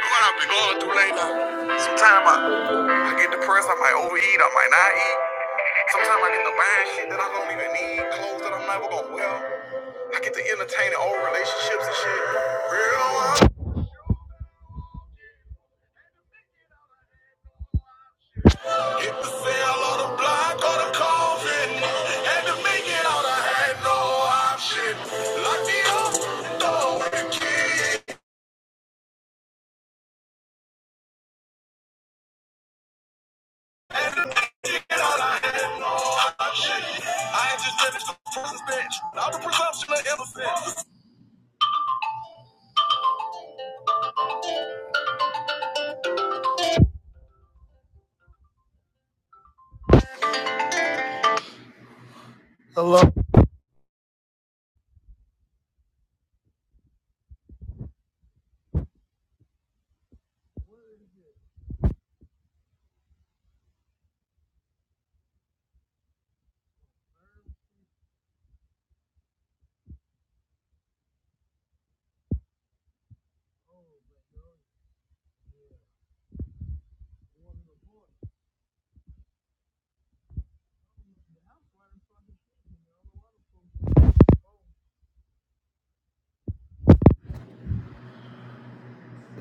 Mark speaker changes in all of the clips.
Speaker 1: What I've been going through lately. Sometimes I, I get depressed, I might overeat, I might not eat. Sometimes I get to buying shit that I don't even need, clothes that I'm never gonna wear. I get to entertaining old relationships and shit. Real one. Hit the sale on the block or the coffin. Had to make it out, I had no option. Lock me up, throw away the key. I just let it-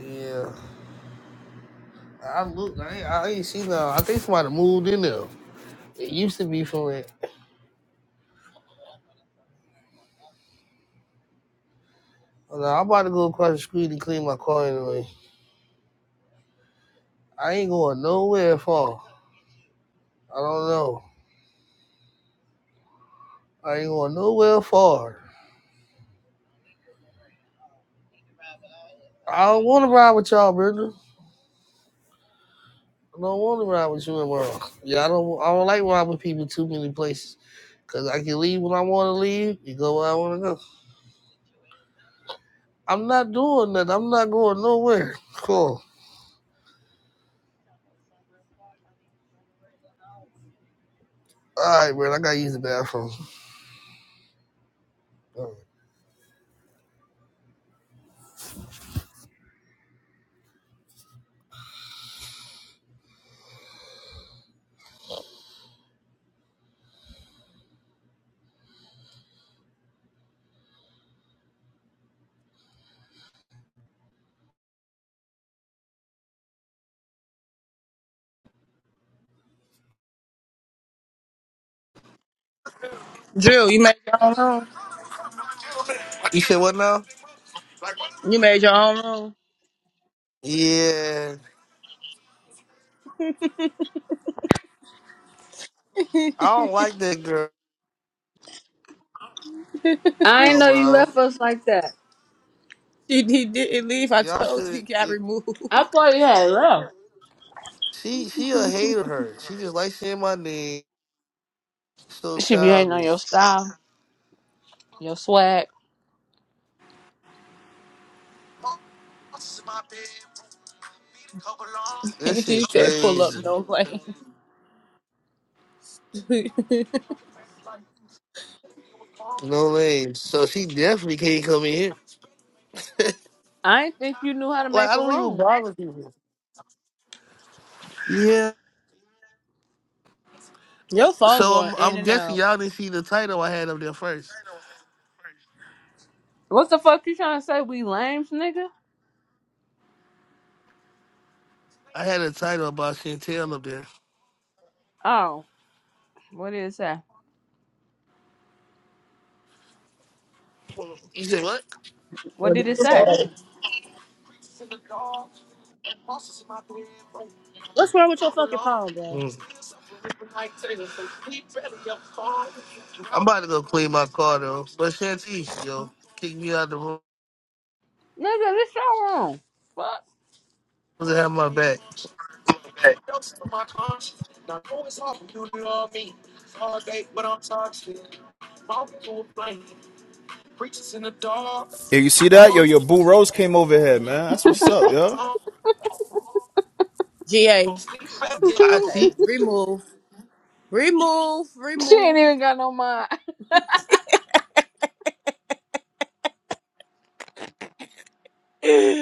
Speaker 1: yeah, I look. I ain't, I ain't seen that. I think somebody moved in there. It used to be for it. Well, nah, I'm about to go across the street and clean my car anyway. I ain't going nowhere far. I don't know. I ain't going nowhere far. I don't want to ride with y'all, Brenda. I don't want to ride with you and Merle. Yeah, I don't. I don't like riding with people too many places. Cause I can leave when I want to leave. You go where I want to go. I'm not doing that. I'm not going nowhere. Cool. All right, Brenda. I gotta use the bathroom. All
Speaker 2: Drew, you made your own room.
Speaker 1: right. You said what now?
Speaker 2: You made your own room.
Speaker 1: Yeah, I don't like that girl,
Speaker 3: I didn't know you
Speaker 1: bro.
Speaker 3: left us like that.
Speaker 2: He, he didn't leave. I
Speaker 1: Y'all
Speaker 2: told you he got
Speaker 1: should.
Speaker 2: removed.
Speaker 3: I thought you had left.
Speaker 1: She she a hater. Her she just likes saying my name. So
Speaker 3: She be hating on your
Speaker 1: childish.
Speaker 3: style, your swag.
Speaker 1: This
Speaker 2: he
Speaker 1: shit
Speaker 2: said, "Pull up,
Speaker 1: crazy.
Speaker 2: no blame."
Speaker 1: No way. So she definitely can't come in here.
Speaker 3: I didn't think you knew how to
Speaker 1: Like
Speaker 3: make
Speaker 1: I
Speaker 3: a
Speaker 1: don't even
Speaker 3: room.
Speaker 1: bother people. Yeah.
Speaker 2: your phone
Speaker 1: So
Speaker 2: going
Speaker 1: I'm
Speaker 2: in
Speaker 1: I'm
Speaker 2: and
Speaker 1: guessing
Speaker 2: out.
Speaker 1: y'all didn't see the title I had up there first.
Speaker 3: What the fuck you trying to say? We lames, nigga?
Speaker 1: I had a title about Chantel up there.
Speaker 3: Oh, what did it say?
Speaker 1: You say what?
Speaker 3: What
Speaker 2: What
Speaker 3: did
Speaker 2: did
Speaker 3: it
Speaker 2: it
Speaker 3: say?
Speaker 2: say? What's wrong with your fucking phone, bro?
Speaker 1: Mm. I'm about to go clean my car though. But Chantel, yo, kick me out the room.
Speaker 3: Nigga, this your room. Fuck.
Speaker 1: Doesn't have my back.
Speaker 4: Yo, you see that? Yo, your boo Rose came over here, man. That's what's up, yo.
Speaker 2: GA.
Speaker 1: I
Speaker 2: Okay,
Speaker 1: see
Speaker 2: remove, remove,
Speaker 3: she
Speaker 2: remove.
Speaker 3: ain't even got no mind.